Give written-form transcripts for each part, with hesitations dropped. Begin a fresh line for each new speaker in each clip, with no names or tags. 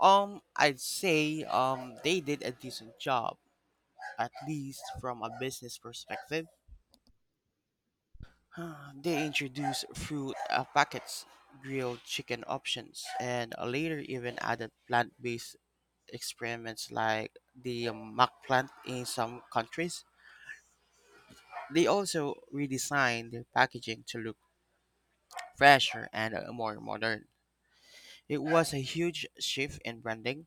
I'd say they did a decent job, at least from a business perspective. They introduced fruit packets, grilled chicken options, and later even added plant-based experiments like the mac plant in some countries. They also redesigned their packaging to look fresher and more modern. It was a huge shift in branding.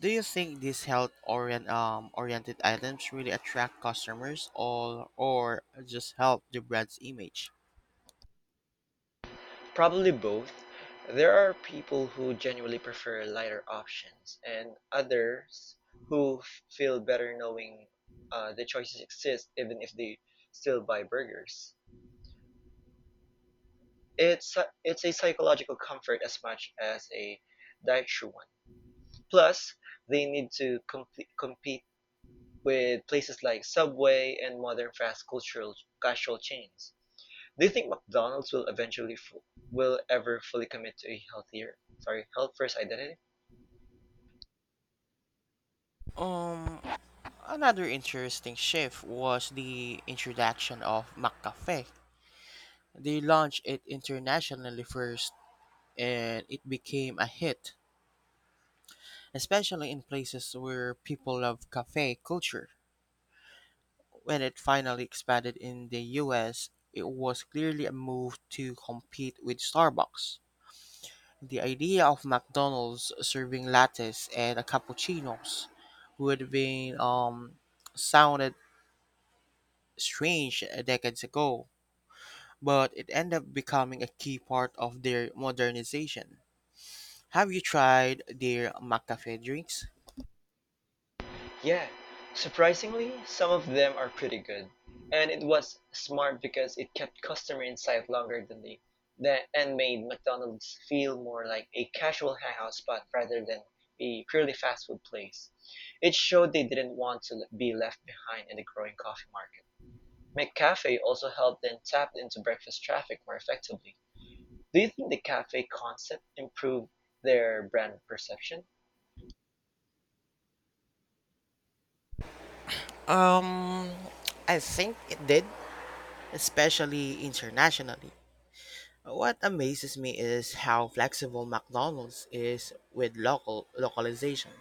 Do you think these oriented items really attract customers or just help the brand's image?
Probably both. There are people who genuinely prefer lighter options, and others who feel better knowing the choices exist even if they still buy burgers. It's a psychological comfort as much as a dietary one. Plus, they need to compete with places like Subway and modern fast cultural casual chains. Do you think McDonald's will ever fully commit to a health first identity?
Um, Another interesting shift was the introduction of McCafe. They launched it internationally first and it became a hit, especially in places where people love cafe culture. When it finally expanded in the US, it was clearly a move to compete with Starbucks. The idea of McDonald's serving lattes and cappuccinos would have been sounded strange decades ago, but it ended up becoming a key part of their modernization. Have you tried their McCafe drinks?
Yeah, surprisingly, some of them are pretty good. And it was smart because it kept customer in longer than they that and made McDonald's feel more like a casual hangout spot rather than a purely fast food place. It showed they didn't want to be left behind in the growing coffee market. McCafe also helped them tap into breakfast traffic more effectively. Do you think the cafe concept improved their brand perception?
Um, I think it did, especially internationally. What amazes me is how flexible McDonald's is with local localization.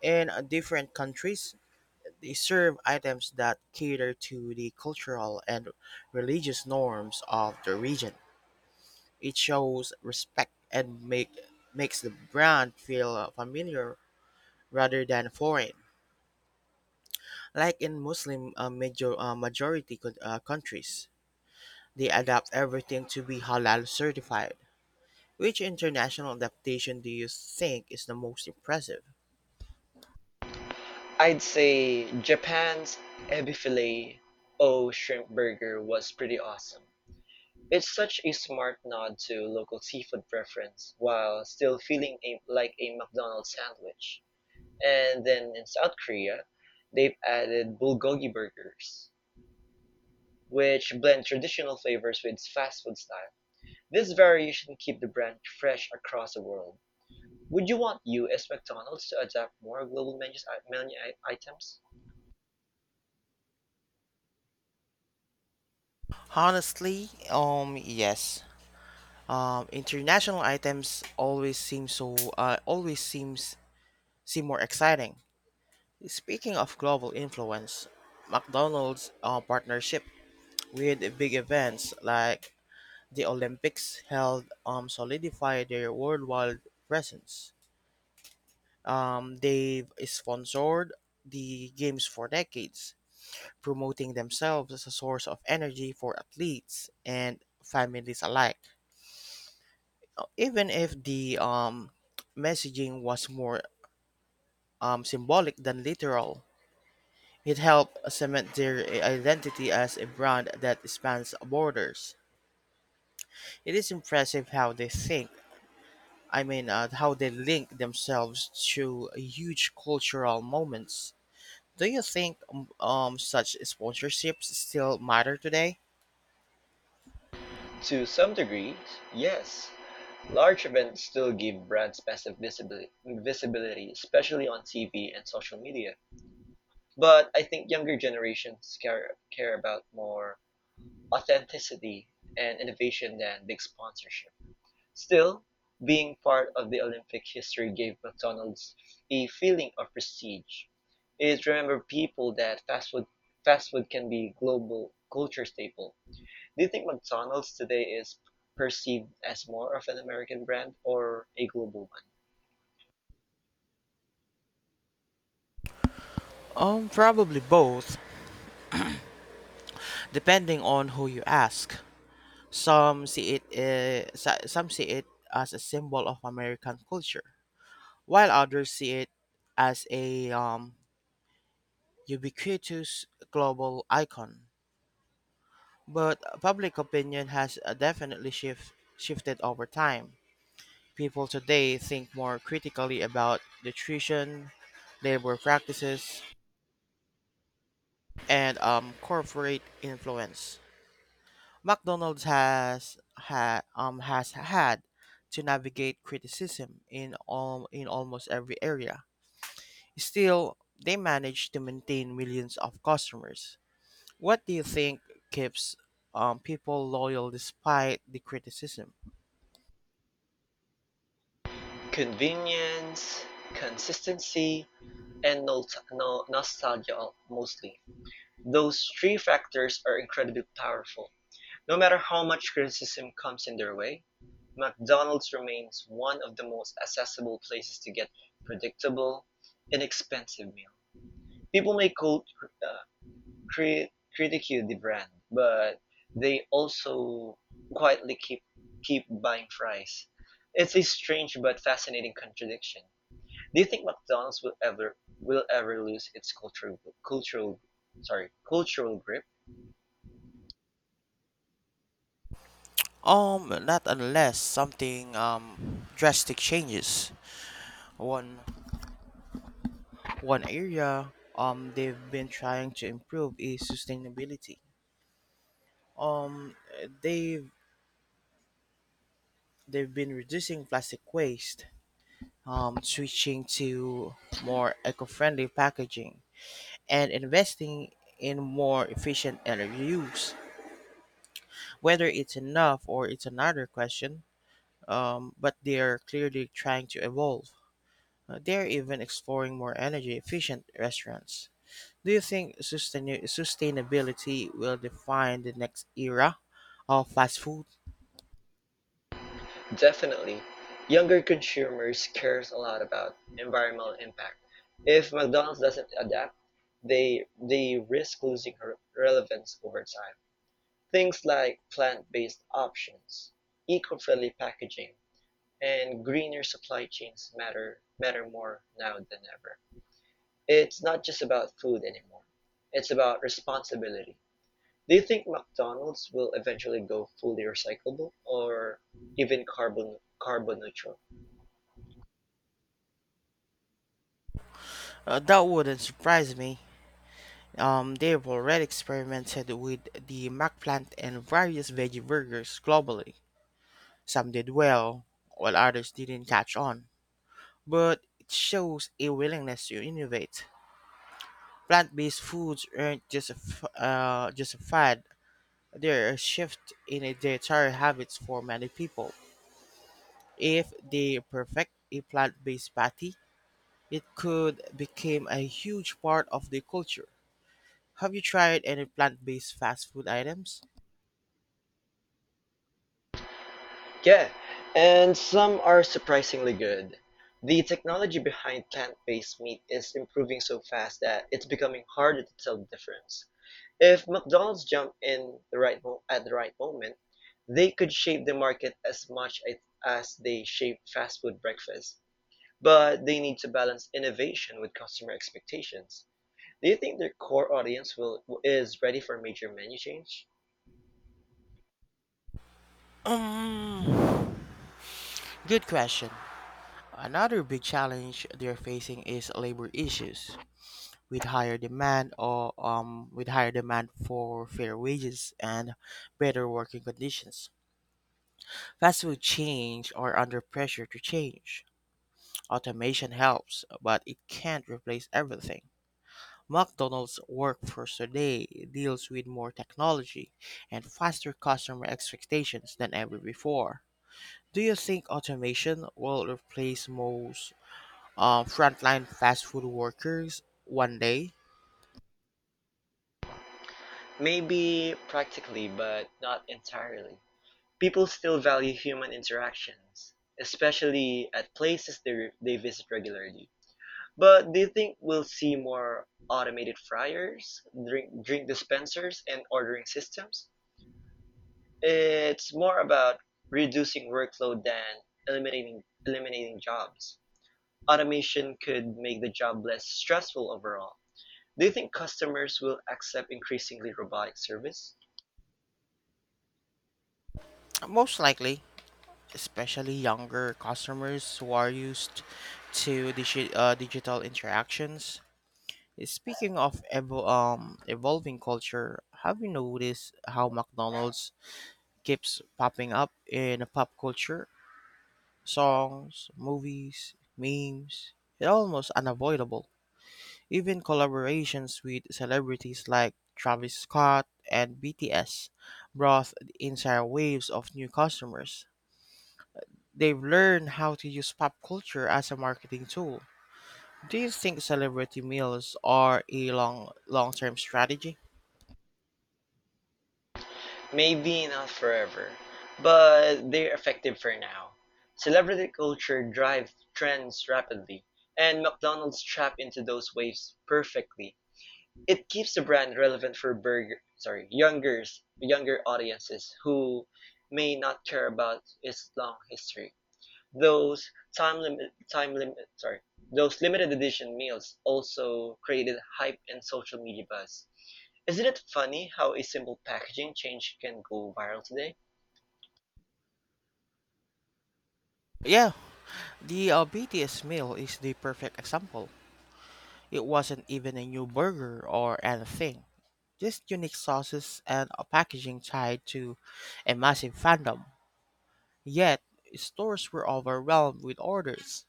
In different countries, they serve items that cater to the cultural and religious norms of the region. It shows respect and makes the brand feel familiar rather than foreign. Like in majority countries, they adapt everything to be halal certified. Which international adaptation do you think is the most impressive?
I'd say Japan's ebi filet o shrimp burger was pretty awesome. It's such a smart nod to local seafood preference while still feeling like a McDonald's sandwich. And then in South Korea, they've added bulgogi burgers, which blend traditional flavors with fast food style. This variation keeps the brand fresh across the world. Would you want U.S. McDonald's to adapt more global menu items?
Honestly, yes. International items always seem more exciting. Speaking of global influence, McDonald's partnership with big events like the Olympics held solidify their worldwide presence. They've sponsored the games for decades, promoting themselves as a source of energy for athletes and families alike, even if the messaging was more symbolic than literal. It helped cement their identity as a brand that spans borders. It is impressive how they think. I mean, how they link themselves to huge cultural moments. Do you think such sponsorships still matter today?
To some degree, yes. Large events still give brands massive visibility, especially on TV and social media. But I think younger generations care about more authenticity and innovation than big sponsorship. Still, being part of the Olympic history gave McDonald's a feeling of prestige. It's remember people that fast food can be a global culture staple. Do you think McDonald's today is perceived as more of an American brand or a global one?
Probably both, depending on who you ask. Some see it as a symbol of American culture, while others see it as a ubiquitous global icon. But public opinion has definitely shifted over time. People today think more critically about nutrition, labor practices, and corporate influence. McDonald's has had to navigate criticism in almost every area. Still, they manage to maintain millions of customers. What do you think keeps people loyal despite the criticism?
Convenience, consistency, and nostalgia mostly. Those three factors are incredibly powerful. No matter how much criticism comes in their way, McDonald's remains one of the most accessible places to get predictable, inexpensive meal. People may quote uh, critique the brand, but they also quietly keep buying fries. It's a strange but fascinating contradiction. Do you think McDonald's will ever lose its cultural cultural grip?
Not unless something drastic changes. One one area they've been trying to improve is sustainability. Um, they've they've been reducing plastic waste, switching to more eco friendly packaging, and investing in more efficient energy use. Whether it's enough or it's another question, but they are clearly trying to evolve. They are even exploring more energy efficient restaurants. Do you think sustainability will define the next era of fast food?
Definitely. Younger consumers cares a lot about environmental impact. If McDonald's doesn't adapt, they risk losing her relevance over time. Things like plant-based options, eco-friendly packaging, and greener supply chains matter more now than ever. It's not just about food anymore. It's about responsibility. Do you think McDonald's will eventually go fully recyclable or even carbon neutral?
That wouldn't surprise me. They've already experimented with the McPlant and various veggie burgers globally. Some did well, while others didn't catch on. But it shows a willingness to innovate. Plant-based foods aren't just just a fad; they're a shift in a dietary habits for many people. If they perfect a plant-based patty, it could become a huge part of the culture. Have you tried any plant-based fast food items?
Yeah, and some are surprisingly good. The technology behind plant-based meat is improving so fast that it's becoming harder to tell the difference. If McDonald's jumped in the right mo- at the right moment, they could shape the market as they shape fast food breakfast. But they need to balance innovation with customer expectations. Do you think their core audience will is ready for major menu change?
Um. Good question. Another big challenge they're facing is labor issues, with higher demand for fair wages and better working conditions. Fast food chains are under pressure to change. Automation helps, but it can't replace everything. McDonald's workforce today deals with more technology and faster customer expectations than ever before. Do you think automation will replace most frontline fast food workers one day?
Maybe practically, but not entirely. People still value human interactions, especially at places they visit regularly. But do you think we'll see more automated fryers, drink dispensers, and ordering systems? It's more about reducing workload than eliminating jobs. Automation could make the job less stressful overall. Do you think customers will accept increasingly robotic service?
Most likely, especially younger customers who are used to digital interactions. Speaking of evolving culture, have you noticed how McDonald's keeps popping up in pop culture? Songs, movies, memes. It's almost unavoidable. Even collaborations with celebrities like Travis Scott and BTS brought entire waves of new customers. They've learned how to use pop culture as a marketing tool. Do you think celebrity meals are a long term strategy?
Maybe not forever, but they're effective for now. Celebrity culture drives trends rapidly, and McDonald's tap into those waves perfectly. It keeps the brand relevant for younger audiences who may not care about its long history. Those time limit time limit sorry, those limited edition meals also created hype and social media buzz. Isn't it funny how a simple packaging change can go viral today?
Yeah, the BTS meal is the perfect example. It wasn't even a new burger or anything. Just unique sauces and a packaging tied to a massive fandom. Yet, stores were overwhelmed with orders.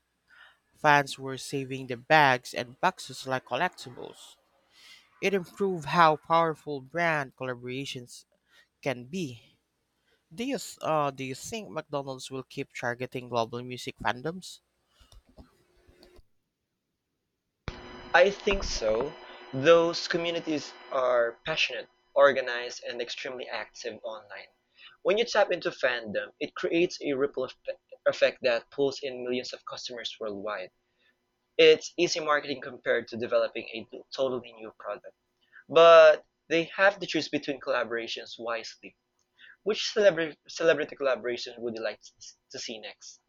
Fans were saving the bags and boxes like collectibles. It improved how powerful brand collaborations can be. Do you think McDonald's will keep targeting global music fandoms?
I think so. Those communities are passionate, organized, and extremely active online. When you tap into fandom, it creates a ripple effect that pulls in millions of customers worldwide. It's easy marketing compared to developing a totally new product. But they have to choose between collaborations wisely. Which celebrity collaboration would you like to see next?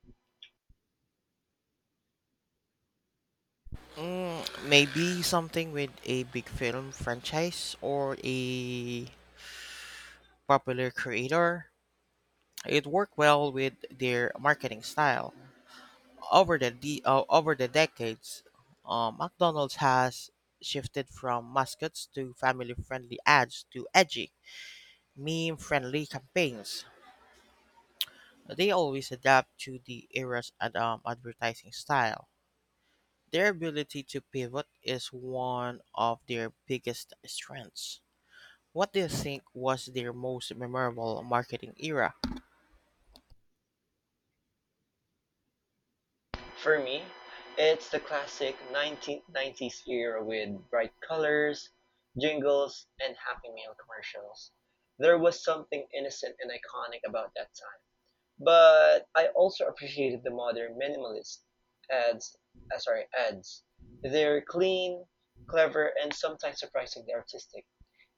Mm, maybe something with a big film franchise or a popular creator. It worked well with their marketing style. Over the decades, McDonald's has shifted from mascots to family-friendly ads to edgy, meme-friendly campaigns. They always adapt to the era's advertising style. Their ability to pivot is one of their biggest strengths. What do you think was their most memorable marketing era?
For me, it's the classic 1990s era with bright colors, jingles, and Happy Meal commercials. There was something innocent and iconic about that time. But I also appreciated the modern minimalist ads, ads. They're clean, clever, and sometimes surprisingly artistic.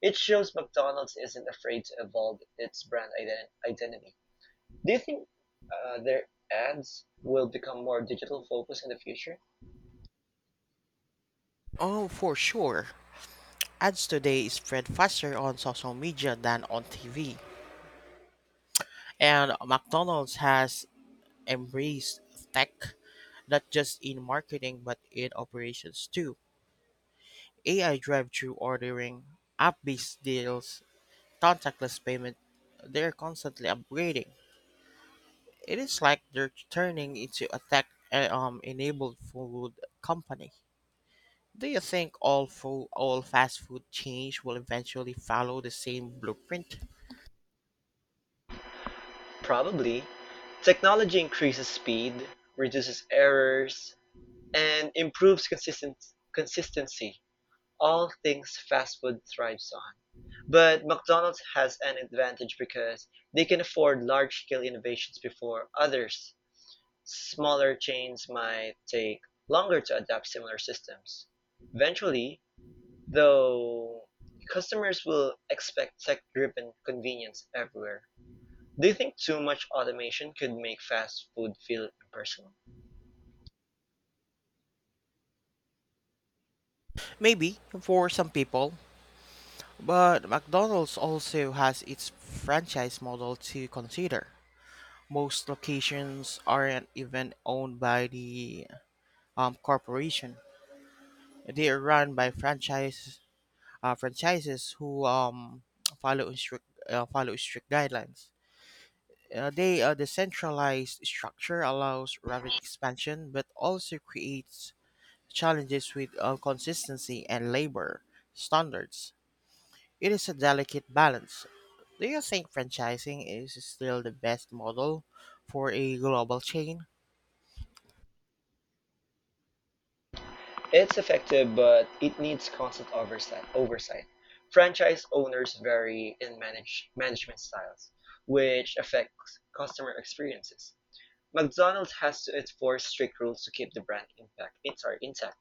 It shows McDonald's isn't afraid to evolve its brand identity. Do you think their ads will become more digital focused in the future?
Oh, for sure. Ads today spread faster on social media than on TV. And McDonald's has embraced tech not just in marketing but in operations too. AI drive-through ordering, app-based deals, contactless payment, they're constantly upgrading. It is like they're turning into a tech enabled food company. Do you think all fast food chains will eventually follow the same blueprint?
Probably. Technology increases speed, reduces errors, and improves consistency. All things fast food thrives on. But McDonald's has an advantage because they can afford large scale innovations before others. Smaller chains might take longer to adapt similar systems. Eventually, though customers will expect tech-driven convenience everywhere. Do you think too much automation could make fast food feel impersonal?
Maybe for some people, but McDonald's also has its franchise model to consider. Most locations aren't even owned by the corporation. They are run by franchises who follow strict guidelines. The centralized structure allows rapid expansion, but also creates challenges with consistency and labor standards. It is a delicate balance. Do you think franchising is still the best model for a global chain?
It's effective, but it needs constant oversight. Oversight. Franchise owners vary in management styles, which affects customer experiences. McDonald's has to enforce strict rules to keep the brand intact.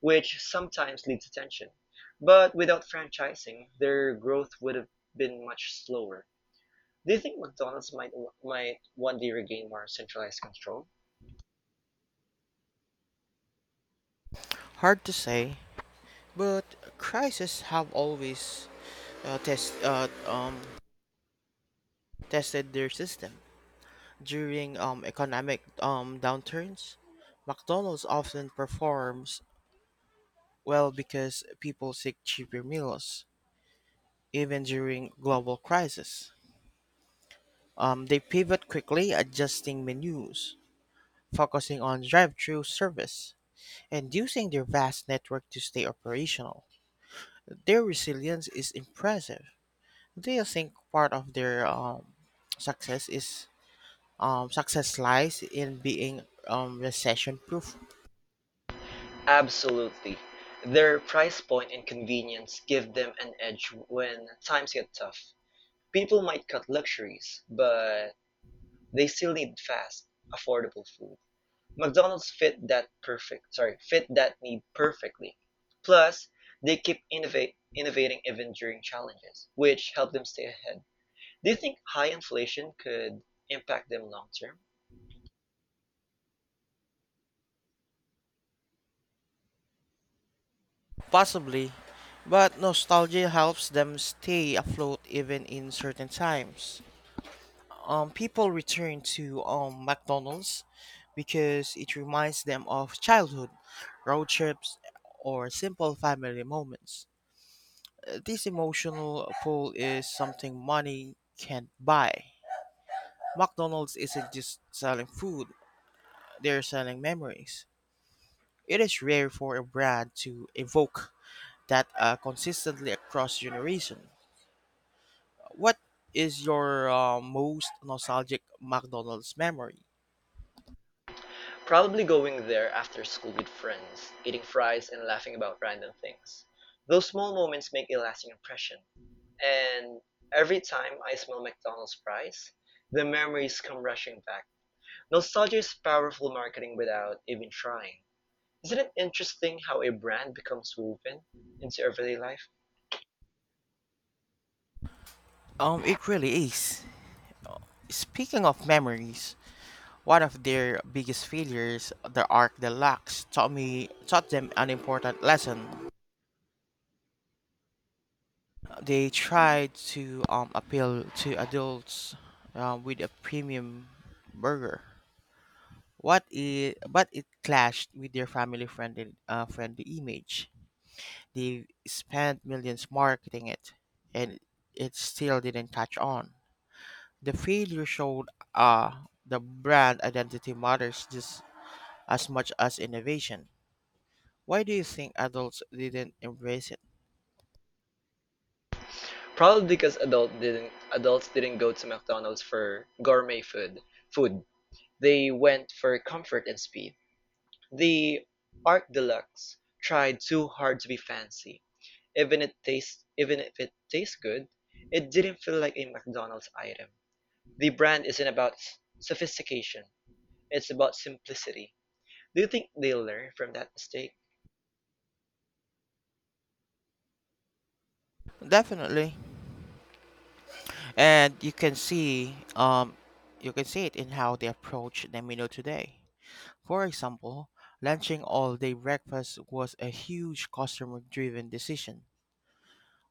Which sometimes leads to tension. But without franchising, their growth would have been much slower. Do you think McDonald's might one day regain more centralized control?
Hard to say, but crises have always uh, test, uh, um, tested their system. During economic downturns, McDonald's often performs well because people seek cheaper meals, even during global crises. They pivot quickly, adjusting menus, focusing on drive-through service and using their vast network to stay operational. Their resilience is impressive. Do you think part of their success is success lies in being recession proof?
Absolutely. Their price point and convenience give them an edge when times get tough. People might cut luxuries, but they still need fast, affordable food. McDonald's fit that need perfectly. Plus, they keep innovating even during challenges, which help them stay ahead. Do you think high inflation could impact them long term?
Possibly, but nostalgia helps them stay afloat even in certain times. People return to McDonald's because it reminds them of childhood, road trips, or simple family moments. This emotional pull is something money can't buy. McDonald's isn't just selling food, they're selling memories. It is rare for a brand to evoke that consistently across generations. What is your most nostalgic McDonald's memory?
Probably going there after school with friends, eating fries and laughing about random things. Those small moments make a lasting impression. And every time I smell McDonald's fries, the memories come rushing back. Nostalgia is powerful marketing without even trying. Isn't it interesting how a brand becomes woven into everyday life?
It really is. Speaking of memories, one of their biggest failures, the Arc Deluxe, taught them an important lesson. They tried to appeal to adults with a premium burger. But it clashed with their family friendly friendly image. They spent millions marketing it, and it still didn't catch on. The failure showed the brand identity matters just as much as innovation. Why do you think adults didn't embrace it?
Probably because adults didn't go to McDonald's for gourmet food. Food. They went for comfort and speed. The Art Deluxe tried too hard to be fancy. Even if it tastes good, it didn't feel like a McDonald's item. The brand isn't about sophistication. It's about simplicity. Do you think they learn from that mistake?
Definitely. And you can see it in how they approach the menu today. For example, launching all day breakfast was a huge customer driven decision.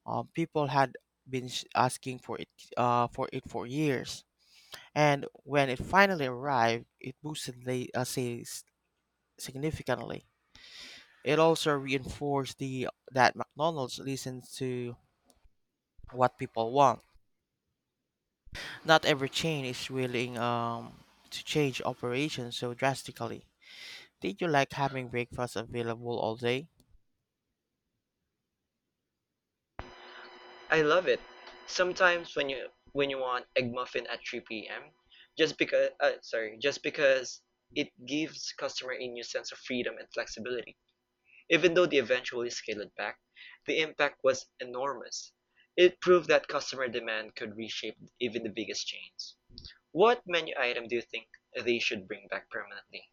People had been asking for it for years. And when it finally arrived, it boosted the sales significantly. It also reinforced the that McDonald's listens to what people want. Not every chain is willing to change operations so drastically. Did you like having breakfast available all day?
I love it. Sometimes when you want egg muffin at 3 p.m., just because it gives customer a new sense of freedom and flexibility. Even though they eventually scaled it back, the impact was enormous. It proved that customer demand could reshape even the biggest chains. What menu item do you think they should bring back permanently?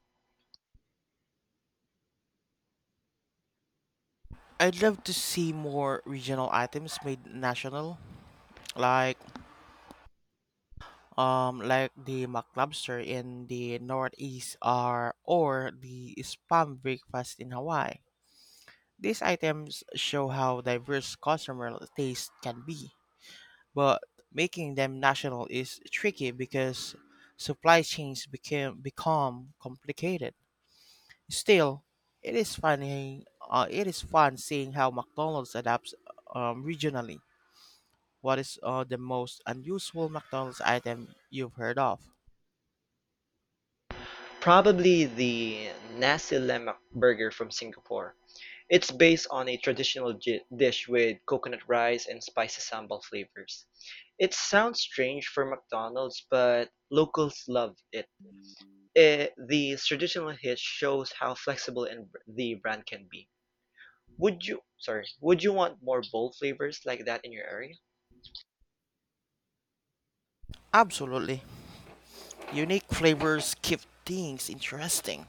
I'd love to see more regional items made national, like like the mac lobster in the Northeast or the spam breakfast in Hawaii. These items show how diverse customer taste can be, but making them national is tricky because supply chains became become complicated. Still, it is fun seeing how McDonald's adapts regionally. What is the most unusual McDonald's item you've heard of?
Probably the nasi lemak burger from Singapore. It's based on a traditional dish with coconut rice and spicy sambal flavors. It sounds strange for McDonald's, but locals love it. Eh, these traditional hits shows how flexible and the brand can be. Would you want more bold flavors like that in your area?
Absolutely, unique flavors keep things interesting.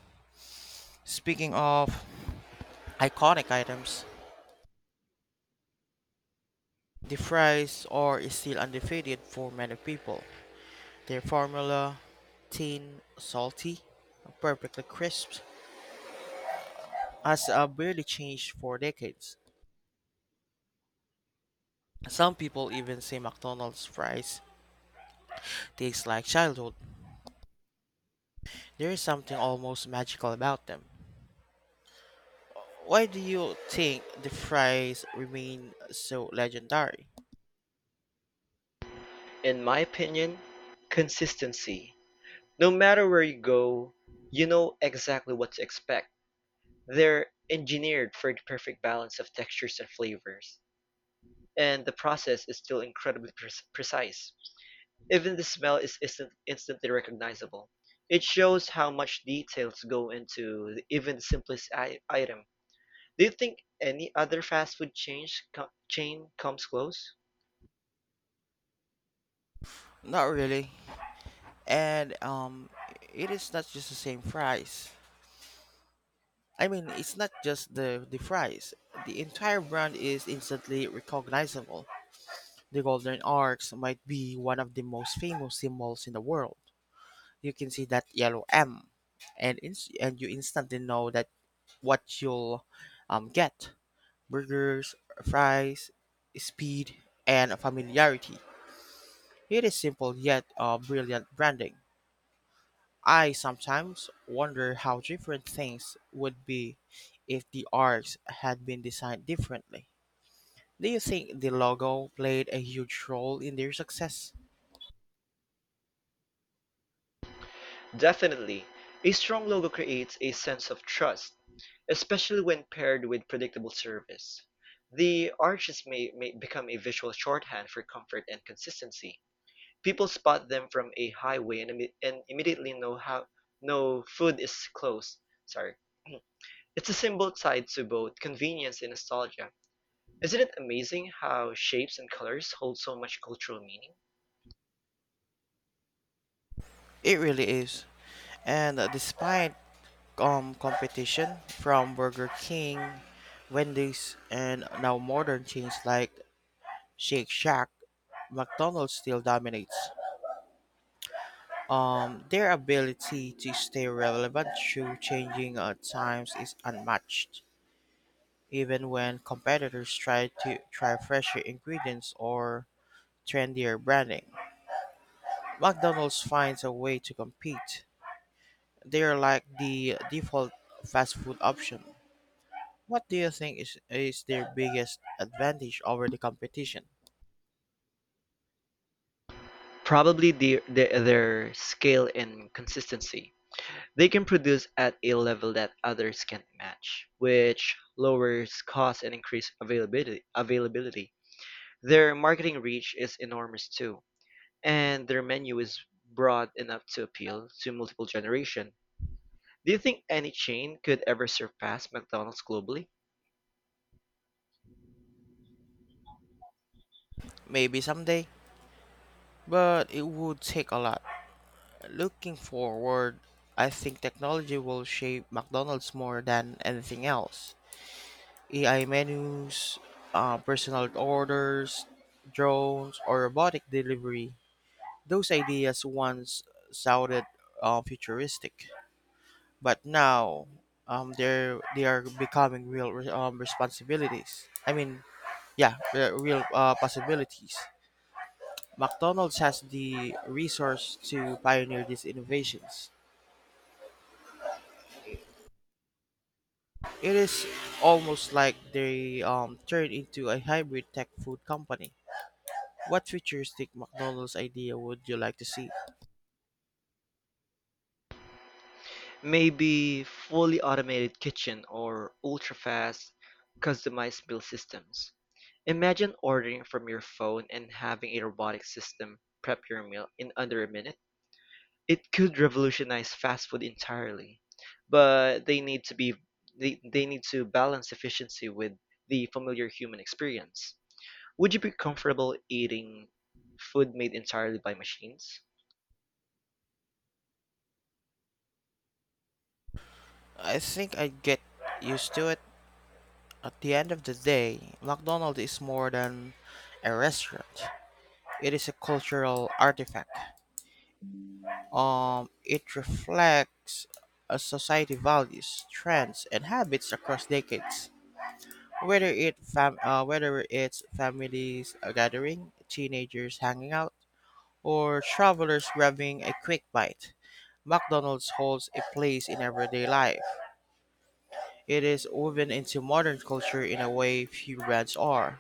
Speaking of iconic items, the fries are still undefeated for many people. Their formula, thin, salty, perfectly crisp, has barely changed for decades. Some people even say McDonald's fries taste like childhood. There is something almost magical about them. Why do you think the fries remain so legendary?
In my opinion, consistency. No matter where you go, you know exactly what to expect. They're engineered for the perfect balance of textures and flavors, and the process is still incredibly precise. Even the smell is instantly recognizable. It shows how much details go into even the simplest item. Do you think any other fast food chain comes close?
Not really. And it is not just the same fries. I mean, it's not just the fries. The entire brand is instantly recognizable. The golden arches might be one of the most famous symbols in the world. You can see that yellow M, and you instantly know that what you'll get: burgers, fries, speed, and familiarity. It is simple yet brilliant branding. I sometimes wonder how different things would be if the arcs had been designed differently. Do you think the logo played a huge role in their success?
Definitely. A strong logo creates a sense of trust, especially when paired with predictable service. The arches may become a visual shorthand for comfort and consistency. People spot them from a highway and immediately know how no food is close. Sorry. It's a symbol tied to both convenience and nostalgia. Isn't it amazing how shapes and colors hold so much cultural meaning?
It really is. And despite competition from Burger King, Wendy's, and now modern chains like Shake Shack, McDonald's still dominates. Their ability to stay relevant through changing times is unmatched, even when competitors try fresher ingredients or trendier branding. McDonald's finds a way to compete. They're like the default fast food option. What do you think is their biggest advantage over the competition?
Probably their scale and consistency. They can produce at a level that others can't match, which lowers cost and increase availability. Their marketing reach is enormous too, and their menu is broad enough to appeal to multiple generation. Do you think any chain could ever surpass McDonald's globally?
Maybe someday, but it would take a lot. Looking forward, I think technology will shape McDonald's more than anything else. AI menus, personal orders, drones, or robotic delivery. Those ideas once sounded futuristic. But now, they are becoming real re- responsibilities. I mean, yeah, re- real possibilities. McDonald's has the resource to pioneer these innovations. It is almost like they turned into a hybrid tech food company. What futuristic McDonald's idea would you like to see?
Maybe fully automated kitchen or ultra-fast customized meal systems. Imagine ordering from your phone and having a robotic system prep your meal in under a minute. It could revolutionize fast food entirely, but they need to balance efficiency with the familiar human experience. Would you be comfortable eating food made entirely by machines?
I think I'd get used to it. At the end of the day, McDonald's is more than a restaurant. It is a cultural artifact. It reflects a society values, trends, and habits across decades. Whether whether it's families gathering, teenagers hanging out, or travelers grabbing a quick bite, McDonald's holds a place in everyday life. It is woven into modern culture in a way few brands are.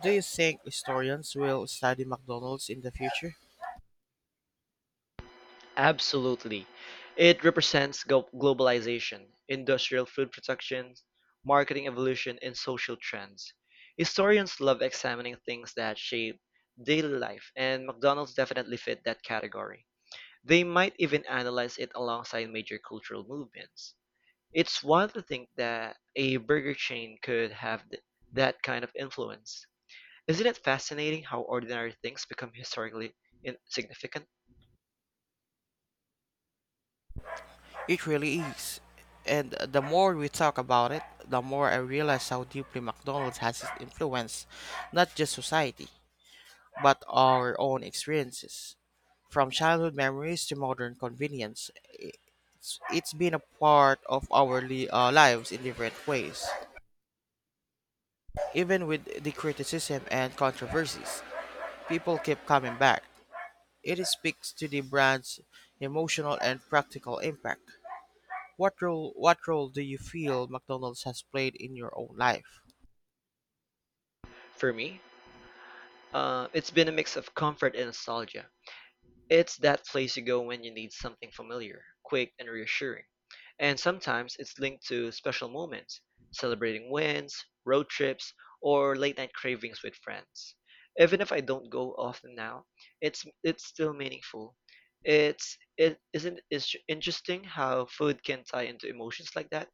Do you think historians will study McDonald's in the future?
Absolutely. It represents globalization, industrial food production, marketing evolution, and social trends. Historians love examining things that shape daily life, and McDonald's definitely fit that category. They might even analyze it alongside major cultural movements. It's wild to think that a burger chain that kind of influence. Isn't it fascinating how ordinary things become historically insignificant?
It really is. And the more we talk about it, the more I realize how deeply McDonald's has influenced not just society, but our own experiences. From childhood memories to modern convenience, it's been a part of our lives in different ways. Even with the criticism and controversies, people keep coming back. It speaks to the brand's emotional and practical impact. What role do you feel McDonald's has played in your own life?
For me, it's been a mix of comfort and nostalgia. It's that place you go when you need something familiar, quick, and reassuring. And sometimes it's linked to special moments, celebrating wins, road trips, or late night cravings with friends. Even if I don't go often now, it's still meaningful. It's it isn't it's interesting how food can tie into emotions like that.